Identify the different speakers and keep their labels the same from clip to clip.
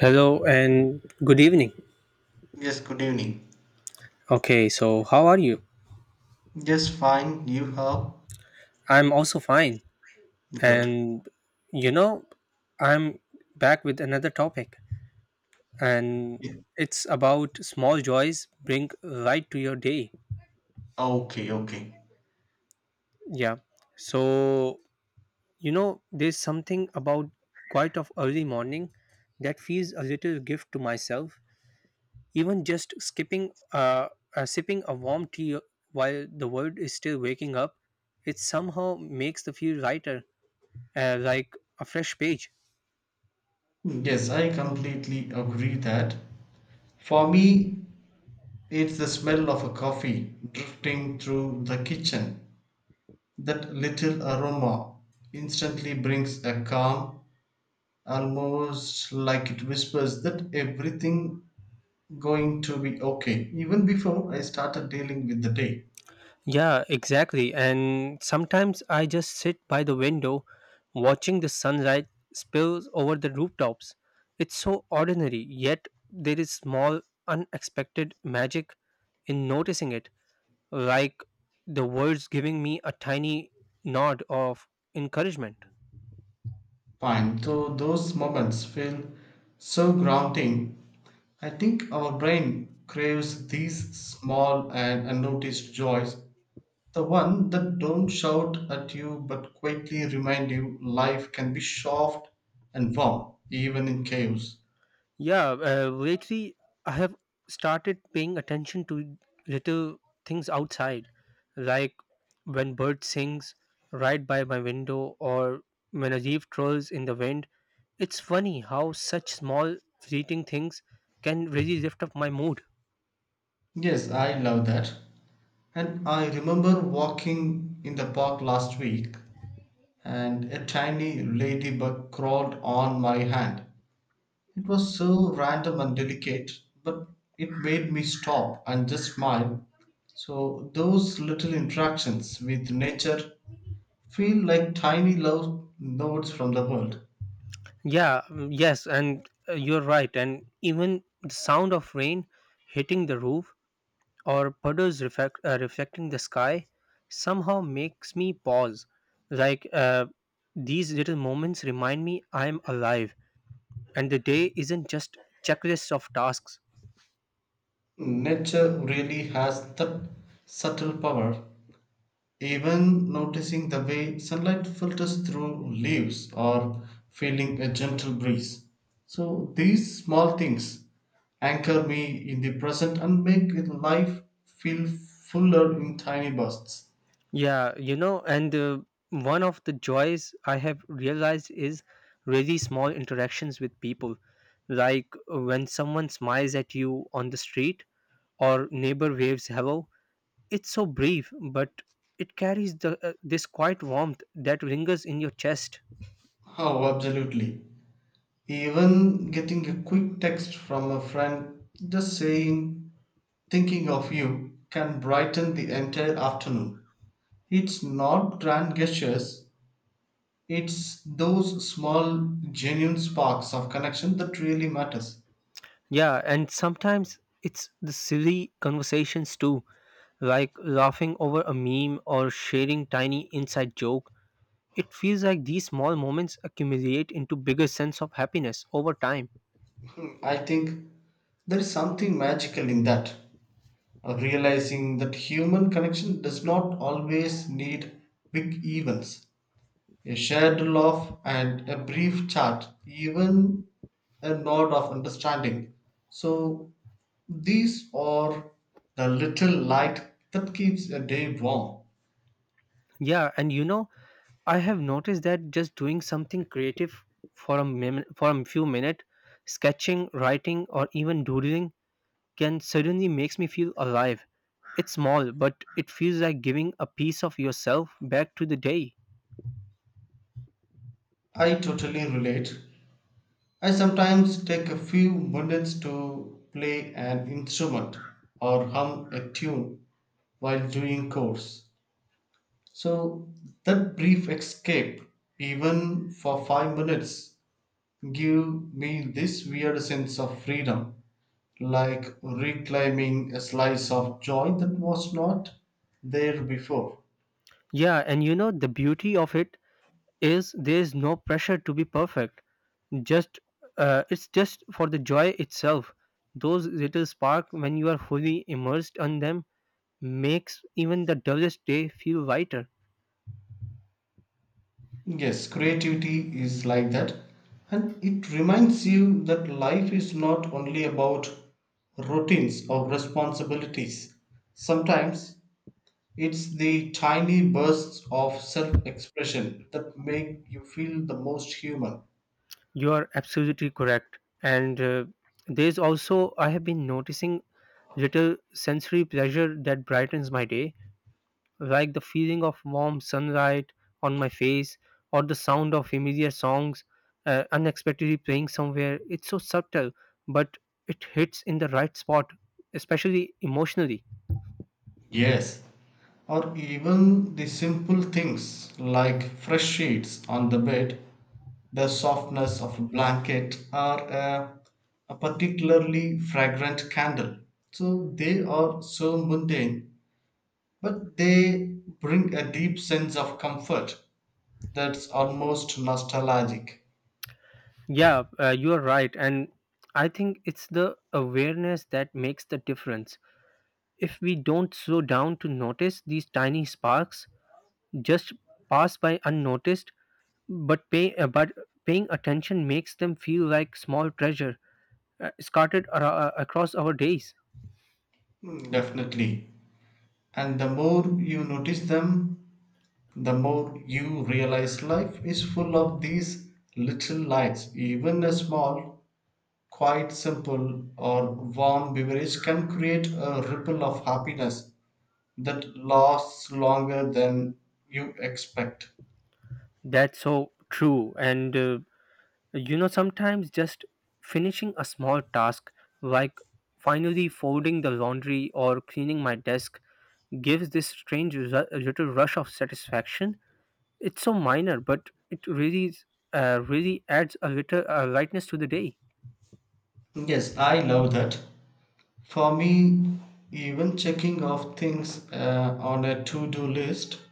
Speaker 1: Hello and good evening.
Speaker 2: Yes, good evening.
Speaker 1: Okay, so how are you?
Speaker 2: Yes, fine. You are
Speaker 1: I'm also fine.
Speaker 2: good.
Speaker 1: And you know, I'm back with another topic, and
Speaker 2: Yeah.
Speaker 1: it's about small joys bring light to your day.
Speaker 2: Okay, okay.
Speaker 1: Yeah. So, you know, there's something about quite of early morning that feels a little gift to myself. Even just sipping a warm tea while the world is still waking up, it somehow makes the feel lighter like a fresh page.
Speaker 2: Yes, I completely agree that for me, it's the smell of a coffee drifting through the kitchen. That little aroma instantly brings a calm, almost like it whispers that everything going to be okay, even before I started dealing with the day.
Speaker 1: Yeah, exactly. And sometimes I just sit by the window watching the sunlight spills over the rooftops. It's so ordinary, yet there is small, unexpected magic in noticing it, like the words giving me a tiny nod of encouragement.
Speaker 2: Fine. So those moments feel so grounding. I think our brain craves these small and unnoticed joys, the one that don't shout at you but quietly remind you life can be soft and warm even in chaos.
Speaker 1: Yeah, lately I have started paying attention to little things outside, like when bird sings right by my window or when a leaf twirls in the wind. It's funny how such small fleeting things can really lift up my mood.
Speaker 2: Yes, I love that. And I remember walking in the park last week and a tiny ladybug crawled on my hand. It was so random and delicate, but it made me stop and just smile. So, those little interactions with nature feel like tiny love notes from the world.
Speaker 1: Yeah, mm, yes, and you're right. And even the sound of rain hitting the roof or reflecting the sky somehow makes me pause. Like uh, these little moments remind me I'm alive and the day isn't just checklists of tasks.
Speaker 2: Nature really has that subtle power. Even noticing the way sunlight filters through leaves or feeling a gentle breeze. So these small things anchor me in the present and make life feel fuller in tiny bursts.
Speaker 1: Yeah, you know, and one of the joys I have realized is really small interactions with people. Like when someone smiles at you on the street or neighbor waves hello. It's so brief, but it carries the this quiet warmth that lingers in your chest.
Speaker 2: Oh, absolutely. Even getting a quick text from a friend just saying, thinking of you, can brighten the entire afternoon. It's not grand gestures, it's those small, genuine sparks of connection that really matters.
Speaker 1: Yeah, and sometimes it's the silly conversations too, like laughing over a meme or sharing tiny inside joke. It feels like these small moments accumulate into bigger sense of happiness over time.
Speaker 2: I think there is something magical in that. Realizing that human connection does not always need big events. A shared laugh and a brief chat, even a nod of understanding. So these are the little light that keeps a day warm.
Speaker 1: Yeah, and you know, I have noticed that just doing something creative for a few minutes, sketching, writing, or even doodling can suddenly makes me feel alive. It's small, but it feels like giving a piece of yourself back to the day.
Speaker 2: I totally relate. I sometimes take a few minutes to play an instrument or hum a tune while doing chores. So that brief escape, even for 5 minutes, give me this weird sense of freedom, like reclaiming a slice of joy that was not there before.
Speaker 1: Yeah, and you know the beauty of it is there is no pressure to be perfect. Just It's just for the joy itself. Those little spark when you are fully immersed on them makes even the dullest day feel lighter.
Speaker 2: Yes, creativity is like that, and it reminds you that life is not only about routines or responsibilities. Sometimes it's the tiny bursts of self expression that make you feel the most human.
Speaker 1: You are absolutely correct. And there's also I have been noticing little sensory pleasure that brightens my day like the feeling of warm sunlight on my face or the sound of familiar songs unexpectedly playing somewhere. It's so subtle, but it hits in the right spot, especially emotionally.
Speaker 2: Yes, or even the simple things like fresh sheets on the bed, the softness of a blanket, or a particularly fragrant candle. So they are so mundane, but they bring a deep sense of comfort that's almost nostalgic.
Speaker 1: Yeah, you are right. And I think it's the awareness that makes the difference. If we don't slow down to notice these tiny sparks, just pass by unnoticed, but paying attention makes them feel like small treasure scattered across our days.
Speaker 2: Mm, definitely. And the more you notice them, the more you realize life is full of these little lights. Even a small, quite simple, or warm beverage can create a ripple of happiness that lasts longer than you expect.
Speaker 1: That's so true. And you know, sometimes just finishing a small task like finally folding the laundry or cleaning my desk gives this strange little rush of satisfaction. It's so minor, but it really adds a little lightness to the day.
Speaker 2: Yes, I love that. For me, even checking off things on a to do list,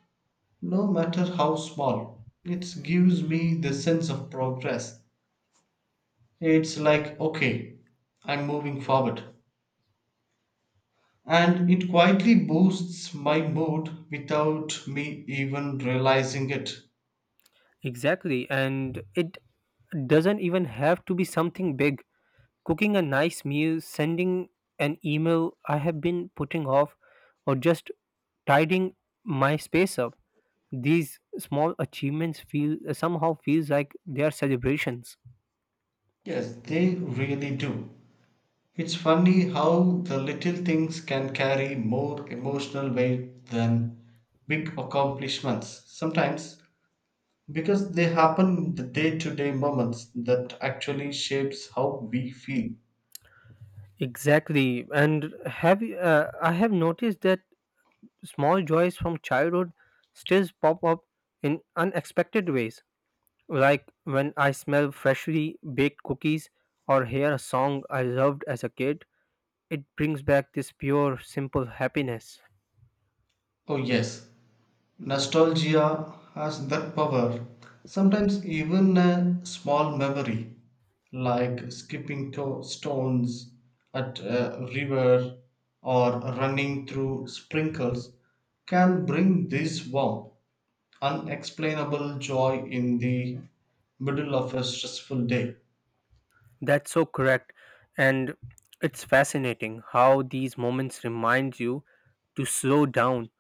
Speaker 2: no matter how small, it gives me the sense of progress. It's like, okay, I'm moving forward. And it quietly boosts my mood without me even realizing it.
Speaker 1: Exactly, and it doesn't even have to be something big. Cooking a nice meal, sending an email I have been putting off, or just tidying my space up. These small achievements feel somehow feels like they are celebrations.
Speaker 2: Yes, they really do. It's funny how the little things can carry more emotional weight than big accomplishments sometimes because they happen in the day-to-day moments that actually shapes how we feel.
Speaker 1: Exactly, and have you- uh, I have noticed that small joys from childhood still pop up in unexpected ways, like when I smell freshly baked cookies or hear a song I loved as a kid. It brings back this pure, simple happiness.
Speaker 2: Oh yes, nostalgia has that power. Sometimes, even a small memory, like stones at a river or running through sprinkles, can bring this warm, unexplainable joy in the middle of a stressful day.
Speaker 1: That's so correct. And it's fascinating how these moments remind you to slow down.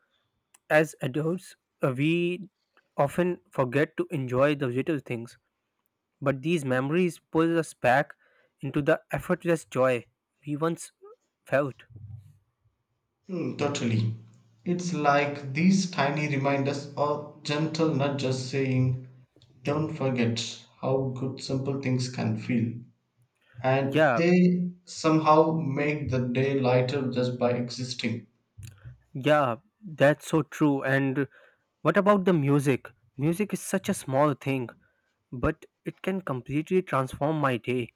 Speaker 1: As adults, we often forget to enjoy the little things, but these memories pull us back into the effortless joy we once felt.
Speaker 2: Mm, totally. It's like these tiny reminders or gentle nudges saying, don't forget how good simple things can feel. And
Speaker 1: Yeah,
Speaker 2: they somehow make the day lighter just by existing.
Speaker 1: yeah, that's so true. And what about the music? Music is such a small thing, but it can completely transform my day.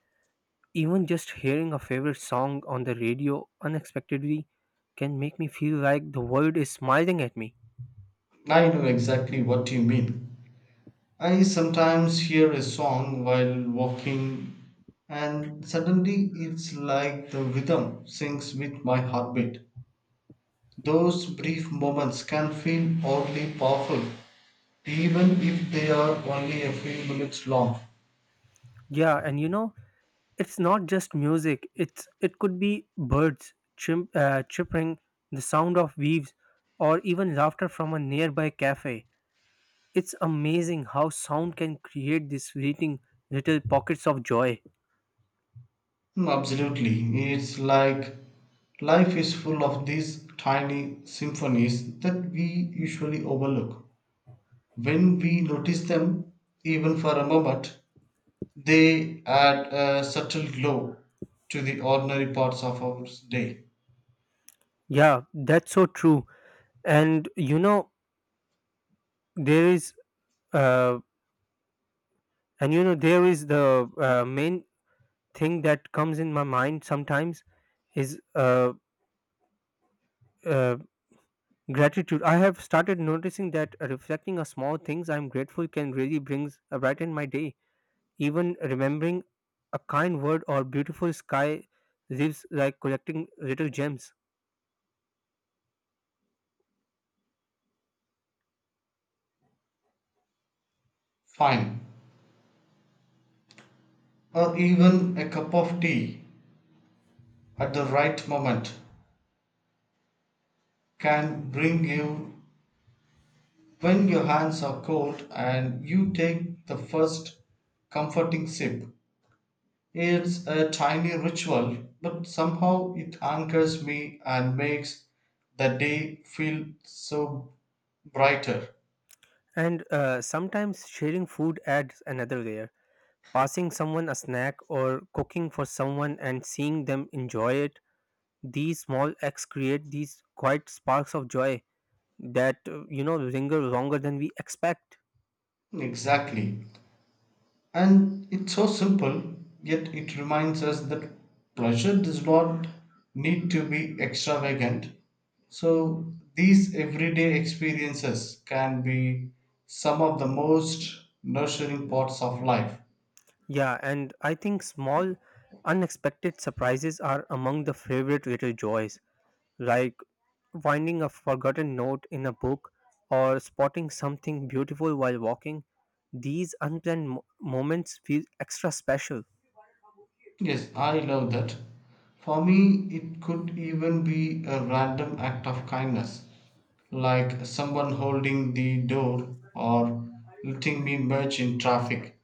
Speaker 1: Even just hearing a favorite song on the radio unexpectedly can make me feel like the world is smiling at me.
Speaker 2: I know exactly what you mean. I sometimes hear a song while walking, and suddenly it's like the rhythm syncs with my heartbeat. Those brief moments can feel oddly powerful even if they are only a few minutes long.
Speaker 1: Yeah, and you know, it's not just music. It could be birds chirping, the sound of leaves, or even laughter from a nearby cafe. It's amazing how sound can create these fleeting little pockets of joy.
Speaker 2: Mm, absolutely. It's like life is full of these tiny symphonies that we usually overlook. When we notice them, even for a moment, they add a subtle glow to the ordinary parts of our day.
Speaker 1: Yeah, that's so true. And you know, there is uh, there is the main thing that comes in my mind sometimes is uh, gratitude. I have started noticing that reflecting on small things I'm grateful can really brings a brighten my day. Even remembering a kind word or beautiful sky leaves like collecting little gems.
Speaker 2: Fine. Or even a cup of tea at the right moment can bring you. When your hands are cold and you take the first comforting sip, it's a tiny ritual, but somehow it anchors me and makes the day feel so brighter.
Speaker 1: And sometimes sharing food adds another layer. Passing someone a snack or cooking for someone and seeing them enjoy it, these small acts create these quiet sparks of joy that you know linger longer than we expect.
Speaker 2: Exactly. And it's so simple, yet it reminds us that pleasure does not need to be extravagant. So, these everyday experiences can be some of the most nurturing parts of life.
Speaker 1: Yeah, and I think small, unexpected surprises are among the favorite little joys, like finding a forgotten note in a book or spotting something beautiful while walking. These moments feel extra special.
Speaker 2: Yes, I love that. For me, it could even be a random act of kindness, like someone holding the door or letting me merge in traffic.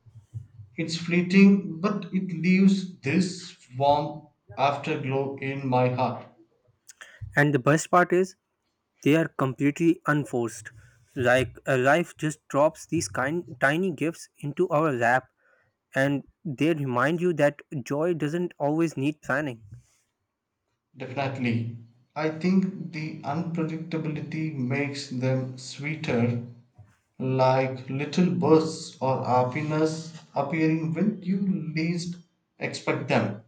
Speaker 2: It's fleeting, but it leaves this warm afterglow in my heart.
Speaker 1: And the best part is, they are completely unforced. Life just drops these kind tiny gifts into our lap and they remind you that joy doesn't always need planning.
Speaker 2: Definitely. I think the unpredictability makes them sweeter, like little bursts or happiness appearing when you least expect them.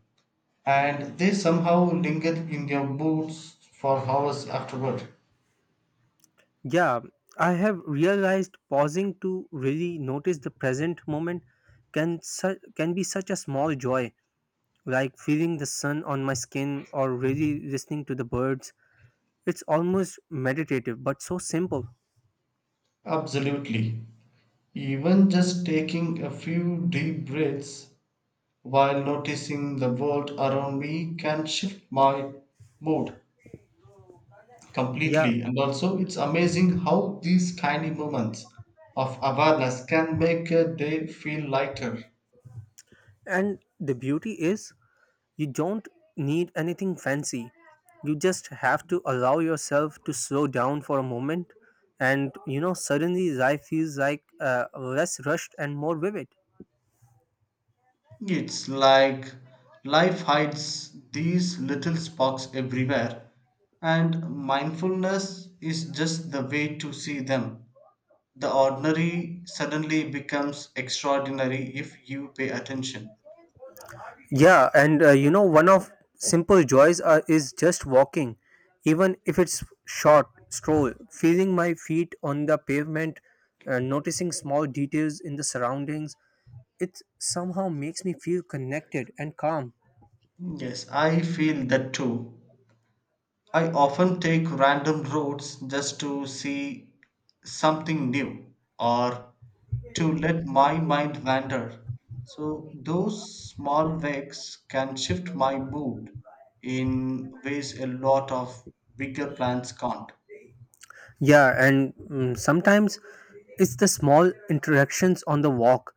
Speaker 2: And they somehow linger in your moods for hours afterward.
Speaker 1: Yeah, I have realized pausing to really notice the present moment can be such a small joy like feeling the sun on my skin or really listening to the birds. It's almost meditative, but so simple.
Speaker 2: Absolutely. Even just taking a few deep breaths while noticing the world around me can shift my mood
Speaker 1: Yeah,
Speaker 2: completely. And also, it's amazing how these tiny moments of awareness can make a day feel lighter.
Speaker 1: and the beauty is you don't need anything fancy. You just have to allow yourself to slow down for a moment, and you know, suddenly life feels like less rushed and more vivid.
Speaker 2: It's like life hides these little sparks everywhere, and mindfulness is just the way to see them. The ordinary suddenly becomes extraordinary if you pay attention.
Speaker 1: Yeah, and you know, one of simple joys is just walking, even if it's short stroll, feeling my feet on the pavement, noticing small details in the surroundings. It somehow makes me feel connected and calm.
Speaker 2: Yes, I feel that too. I often take random roads just to see something new or to let my mind wander. So, those small wakes can shift my mood in ways a lot of bigger plans can't.
Speaker 1: Yeah, and mm, sometimes it's the small interactions on the walk,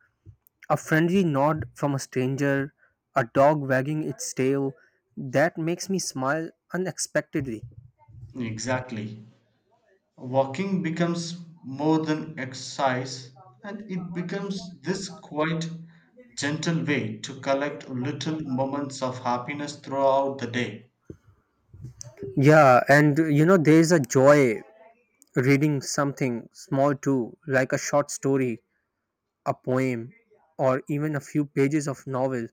Speaker 1: a friendly nod from a stranger, a dog wagging its tail, that makes me smile unexpectedly.
Speaker 2: Exactly. Walking becomes more than exercise and it becomes this quite gentle way to collect little moments of happiness throughout the day.
Speaker 1: Yeah, and you know, there is a joy reading something small too, like a short story, a poem, or even a few pages of novel.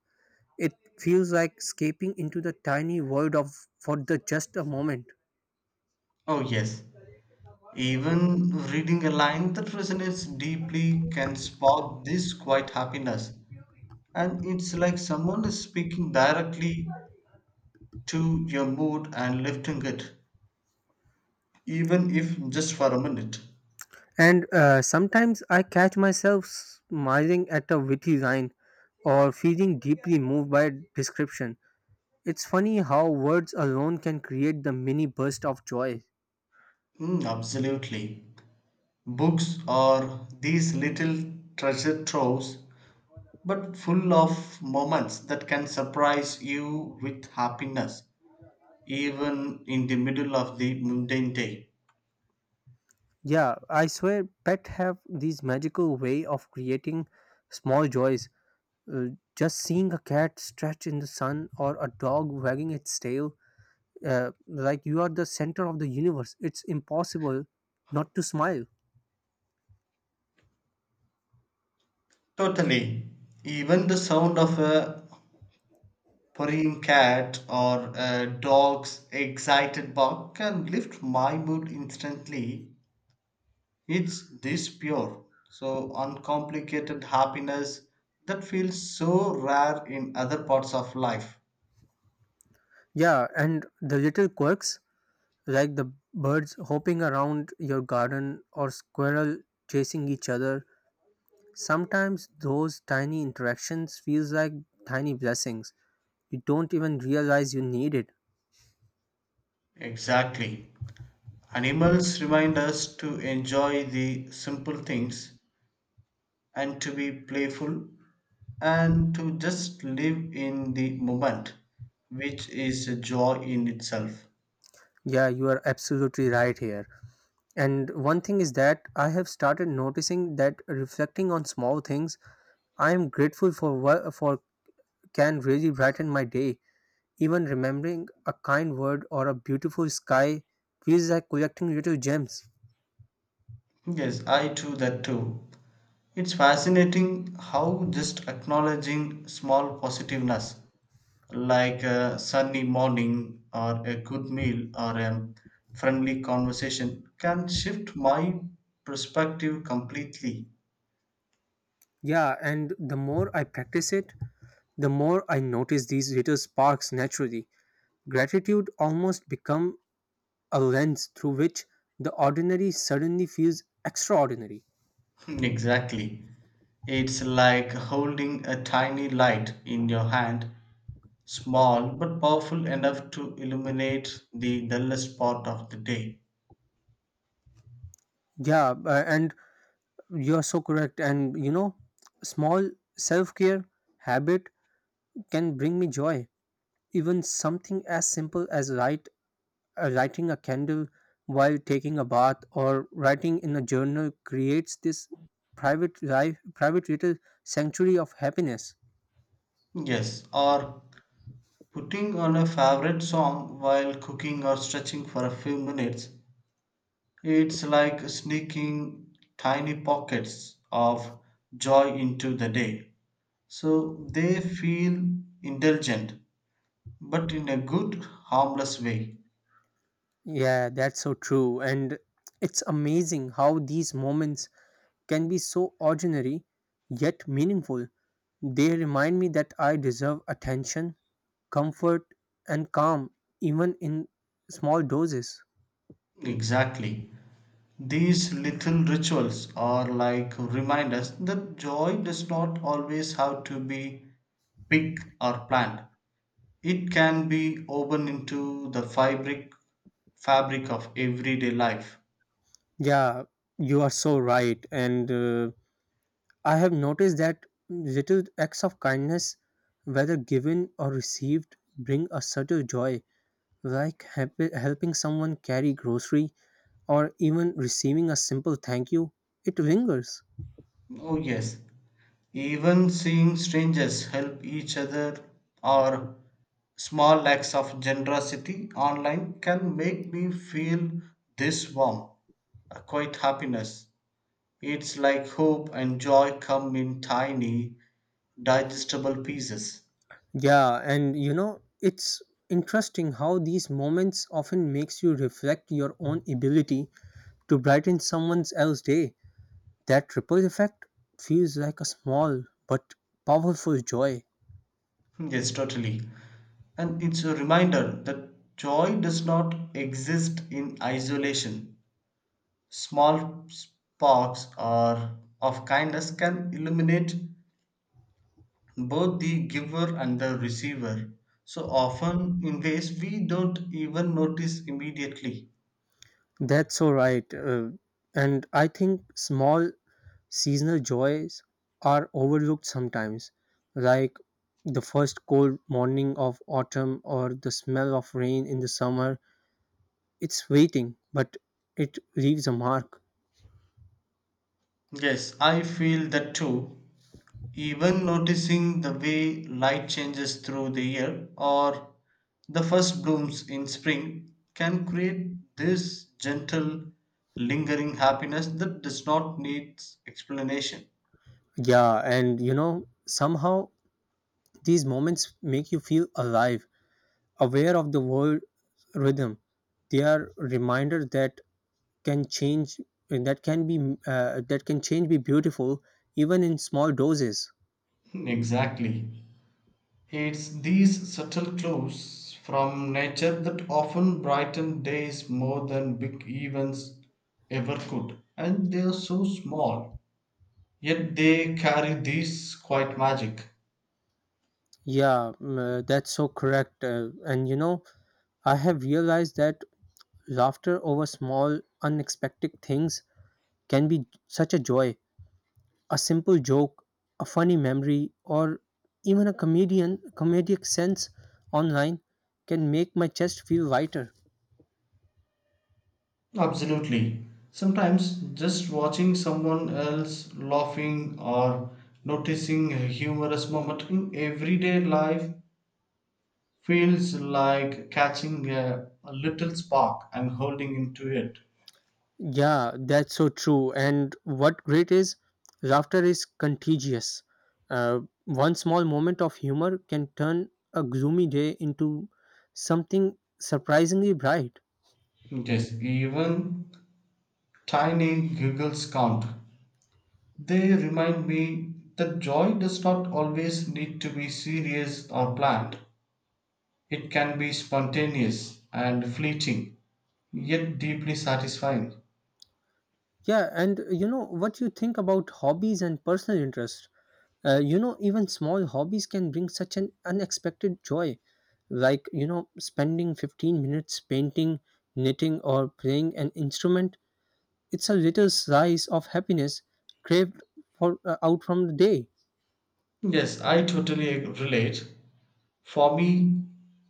Speaker 1: It feels like escaping into the tiny world of for the just a moment.
Speaker 2: Oh, yes. Even reading a line that resonates deeply can spark this quiet happiness. And it's like someone is speaking directly to your mood and lifting it, even if just for a minute.
Speaker 1: And sometimes I catch myself smiling at a witty line or feeling deeply moved by a description. It's funny how words alone can create the mini burst of joy.
Speaker 2: Mm, absolutely. Books are these little treasure troves, but full of moments that can surprise you with happiness, even in the middle of the mundane day.
Speaker 1: Yeah, I swear pet have these magical way of creating small joys. Just seeing a cat stretch in the sun or a dog wagging its tail, like you are the center of the universe. It's impossible not to smile.
Speaker 2: Totally. Even the sound of a purring cat or a dog's excited bark can lift my mood instantly. It's this pure, so uncomplicated happiness that feels so rare in other parts of life.
Speaker 1: Yeah, and the little quirks like the birds hopping around your garden or squirrel chasing each other. Sometimes those tiny interactions feels like tiny blessings. You don't even realize you need it.
Speaker 2: Exactly. Animals remind us to enjoy the simple things and to be playful and to just live in the moment, which is a joy in itself.
Speaker 1: Yeah, you are absolutely right here. And one thing is that I have started noticing that reflecting on small things, I am grateful for what for can really brighten my day. Even remembering a kind word or a beautiful sky feels like collecting little gems.
Speaker 2: Yes, I do that too. It's fascinating how just acknowledging small positiveness, like a sunny morning, or a good meal, or a friendly conversation, can shift my perspective completely.
Speaker 1: Yeah, and the more I practice it, the more I notice these little sparks naturally. Gratitude almost become a lens through which the ordinary suddenly feels extraordinary.
Speaker 2: Exactly. It's like holding a tiny light in your hand, small but powerful enough to illuminate the dullest part of the day.
Speaker 1: Yeah, and you are so correct. And you know, small self care habit can bring me joy. Even something as simple as lighting a candle while taking a bath or writing in a journal creates this private little sanctuary of happiness.
Speaker 2: Yes, or putting on a favorite song while cooking or stretching for a few minutes, it's like sneaking tiny pockets of joy into the day. So they feel indulgent, but in a good, harmless way.
Speaker 1: Yeah, that's so true. And it's amazing how these moments can be so ordinary yet meaningful. They remind me that I deserve attention, comfort and calm, even in small doses.
Speaker 2: Exactly. These little rituals are like reminders that joy does not always have to be big or planned. It can be woven into the fabric of everyday life.
Speaker 1: Yeah, you are so right and I have noticed that little acts of kindness whether given or received bring a subtle joy, like helping someone carry grocery or even receiving a simple thank you, it lingers.
Speaker 2: Oh yes, even seeing strangers help each other or small acts of generosity online can make me feel this warm, a quiet happiness. It's like hope and joy come in tiny, digestible pieces.
Speaker 1: Yeah, and you know it's interesting how these moments often makes you reflect your own ability to brighten someone else's day. That ripple effect feels like a small but powerful joy.
Speaker 2: Yes, totally. And it's a reminder that joy does not exist in isolation. Small sparks or of kindness can illuminate both the giver and the receiver. So often in ways we don't even notice immediately.
Speaker 1: That's so right. And I think small seasonal joys are overlooked sometimes, like the first cold morning of autumn or the smell of rain in the summer. It's waiting, but it leaves a mark.
Speaker 2: Yes, I feel that too. Even noticing the way light changes through the year or the first blooms in spring can create this gentle, lingering happiness that does not need explanation.
Speaker 1: Yeah, and you know, somehow these moments make you feel alive, aware of the world rhythm. They are reminder that can change, that can be that can change be beautiful even in small doses.
Speaker 2: Exactly. It's these subtle clues from nature that often brighten days more than big events ever could. And they are so small, yet they carry this quiet magic.
Speaker 1: Yeah, mm, that's so correct. And you know I have realized that laughter over small unexpected things can be such a joy, a simple joke, a funny memory, or even a comedian comedic sense online can make my chest feel lighter.
Speaker 2: Absolutely. Sometimes just watching someone else laughing or noticing a humorous moment in everyday life feels like catching a little spark and holding into it.
Speaker 1: Yeah, that's so true. And what great is, laughter is contagious. Uh, One small moment of humor can turn a gloomy day into something surprisingly bright.
Speaker 2: Yes, even tiny giggles count. They remind me that joy does not always need to be serious or planned. It can be spontaneous and fleeting, yet deeply satisfying.
Speaker 1: Yeah, and you know what you think about hobbies and personal interest. You know, even small hobbies can bring such an unexpected joy, like you know, spending 15 minutes painting, knitting, or playing an instrument. It's a little slice of happiness craved for out from the day.
Speaker 2: Yes, I relate. For me,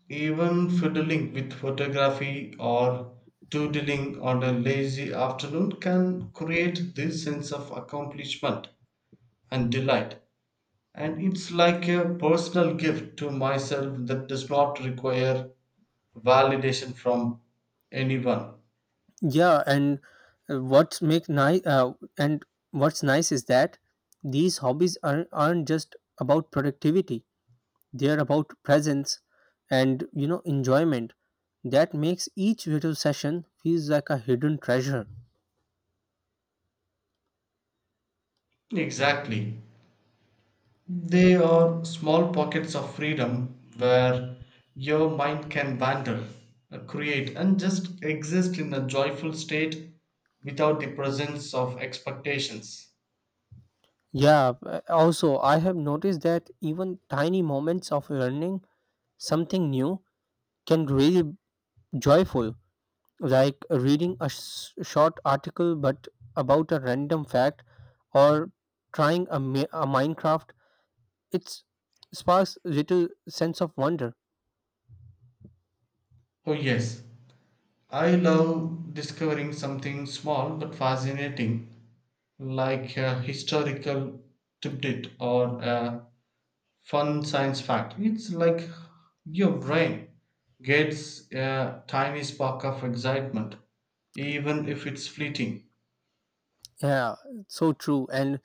Speaker 2: even fiddling with photography or doodling on a lazy afternoon can create this sense of accomplishment and delight. And it's like a personal gift to myself that does not require validation from anyone.
Speaker 1: Yeah, and uh, what make nice uh, and what's nice is that these hobbies aren't just about productivity. They are about presence and you know enjoyment. That makes each little session feels like a hidden treasure.
Speaker 2: Exactly. They are small pockets of freedom where your mind can wander, create, and just exist in a joyful state without the presence of expectations.
Speaker 1: Yeah, also, I have noticed that even tiny moments of learning something new can really joyful, like reading short article but about a random fact or trying a minecraft, it's sparks little sense of wonder.
Speaker 2: Oh, yes, I love discovering something small but fascinating, like a historical tidbit or a fun science fact. It's like your brain gets a tiny spark of excitement, even if it's fleeting.
Speaker 1: Yeah, so true. And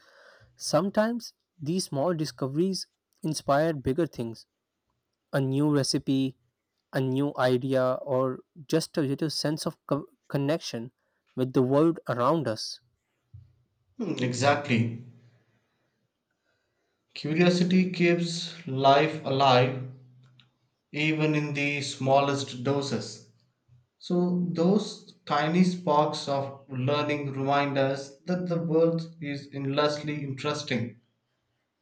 Speaker 1: sometimes these small discoveries inspire bigger things, a new recipe, a new idea, or just a little sense of connection with the world around us.
Speaker 2: Hmm, exactly. Curiosity keeps life alive even in the smallest doses. So, those tiny sparks of learning remind us that the world is endlessly interesting,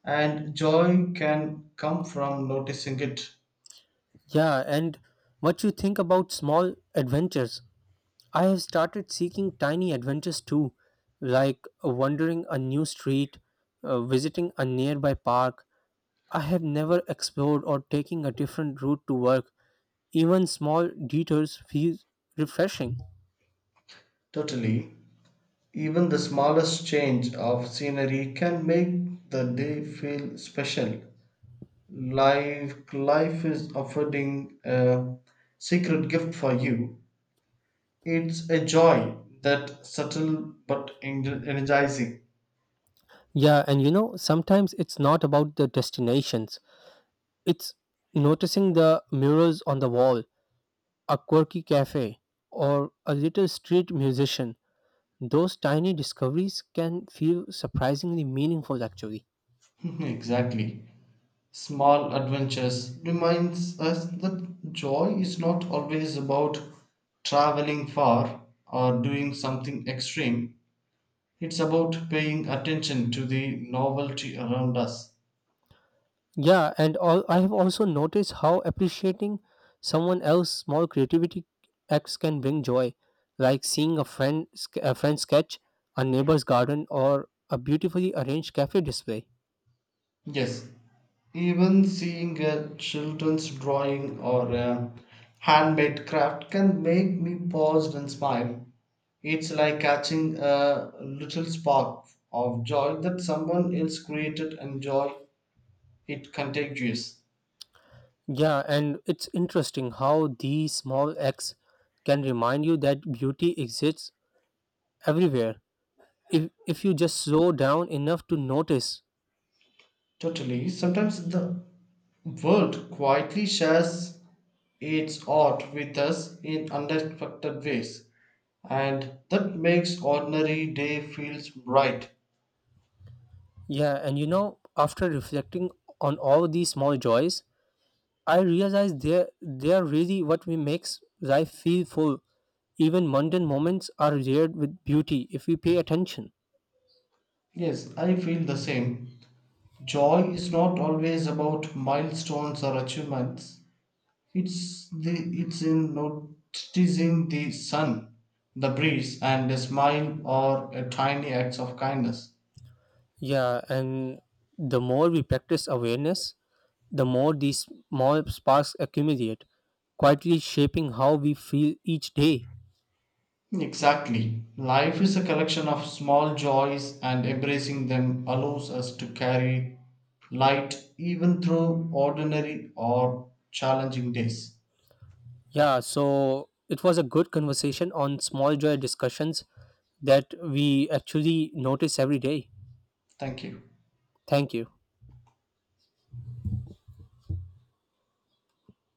Speaker 2: and joy can come from noticing it.
Speaker 1: Yeah, and what you think about small adventures. I have started seeking tiny adventures too, like wandering a new street, visiting a nearby park I have never explored, or taking a different route to work. Even small detours feel refreshing.
Speaker 2: Totally. Even the smallest change of scenery can make the day feel special. Life is offering a secret gift for you. It's a joy that subtle but energizing.
Speaker 1: Yeah, and you know, sometimes it's not about the destinations, it's noticing the murals on the wall, a quirky cafe, or a little street musician. Those tiny discoveries can feel surprisingly meaningful, actually.
Speaker 2: Exactly. Small adventures reminds us that joy is not always about traveling far or doing something extreme. It's about paying attention to the novelty around us.
Speaker 1: Yeah, and all, I have also noticed how appreciating someone else's small creativity acts can bring joy, like seeing a friend sketch, a neighbor's garden, or a beautifully arranged cafe display.
Speaker 2: Yes, even seeing a children's drawing or a handmade craft can make me pause and smile. It's like catching a little spark of joy that someone else created and joy it contagious.
Speaker 1: Yeah, and it's interesting how these small acts can remind you that beauty exists everywhere if you just slow down enough to notice.
Speaker 2: Totally. Sometimes the world quietly shares its art with us in unexpected ways, and that makes ordinary day feels bright.
Speaker 1: Yeah, and you know, after reflecting on all these small joys, I realize they're really what we makes life feel full. Even mundane moments are layered with beauty if we pay attention.
Speaker 2: Yes, I feel the same. Joy is not always about milestones or achievements. It's the it's in noticing the sun, the breeze, and a smile or a tiny acts of kindness.
Speaker 1: Yeah, and the more we practice awareness, the more these small sparks accumulate, quietly shaping how we feel each day.
Speaker 2: Exactly. Life is a collection of small joys, and embracing them allows us to carry light even through ordinary or challenging days.
Speaker 1: Yeah, so it was a good conversation on small joy discussions that we actually notice every day.
Speaker 2: Thank you.
Speaker 1: Thank you.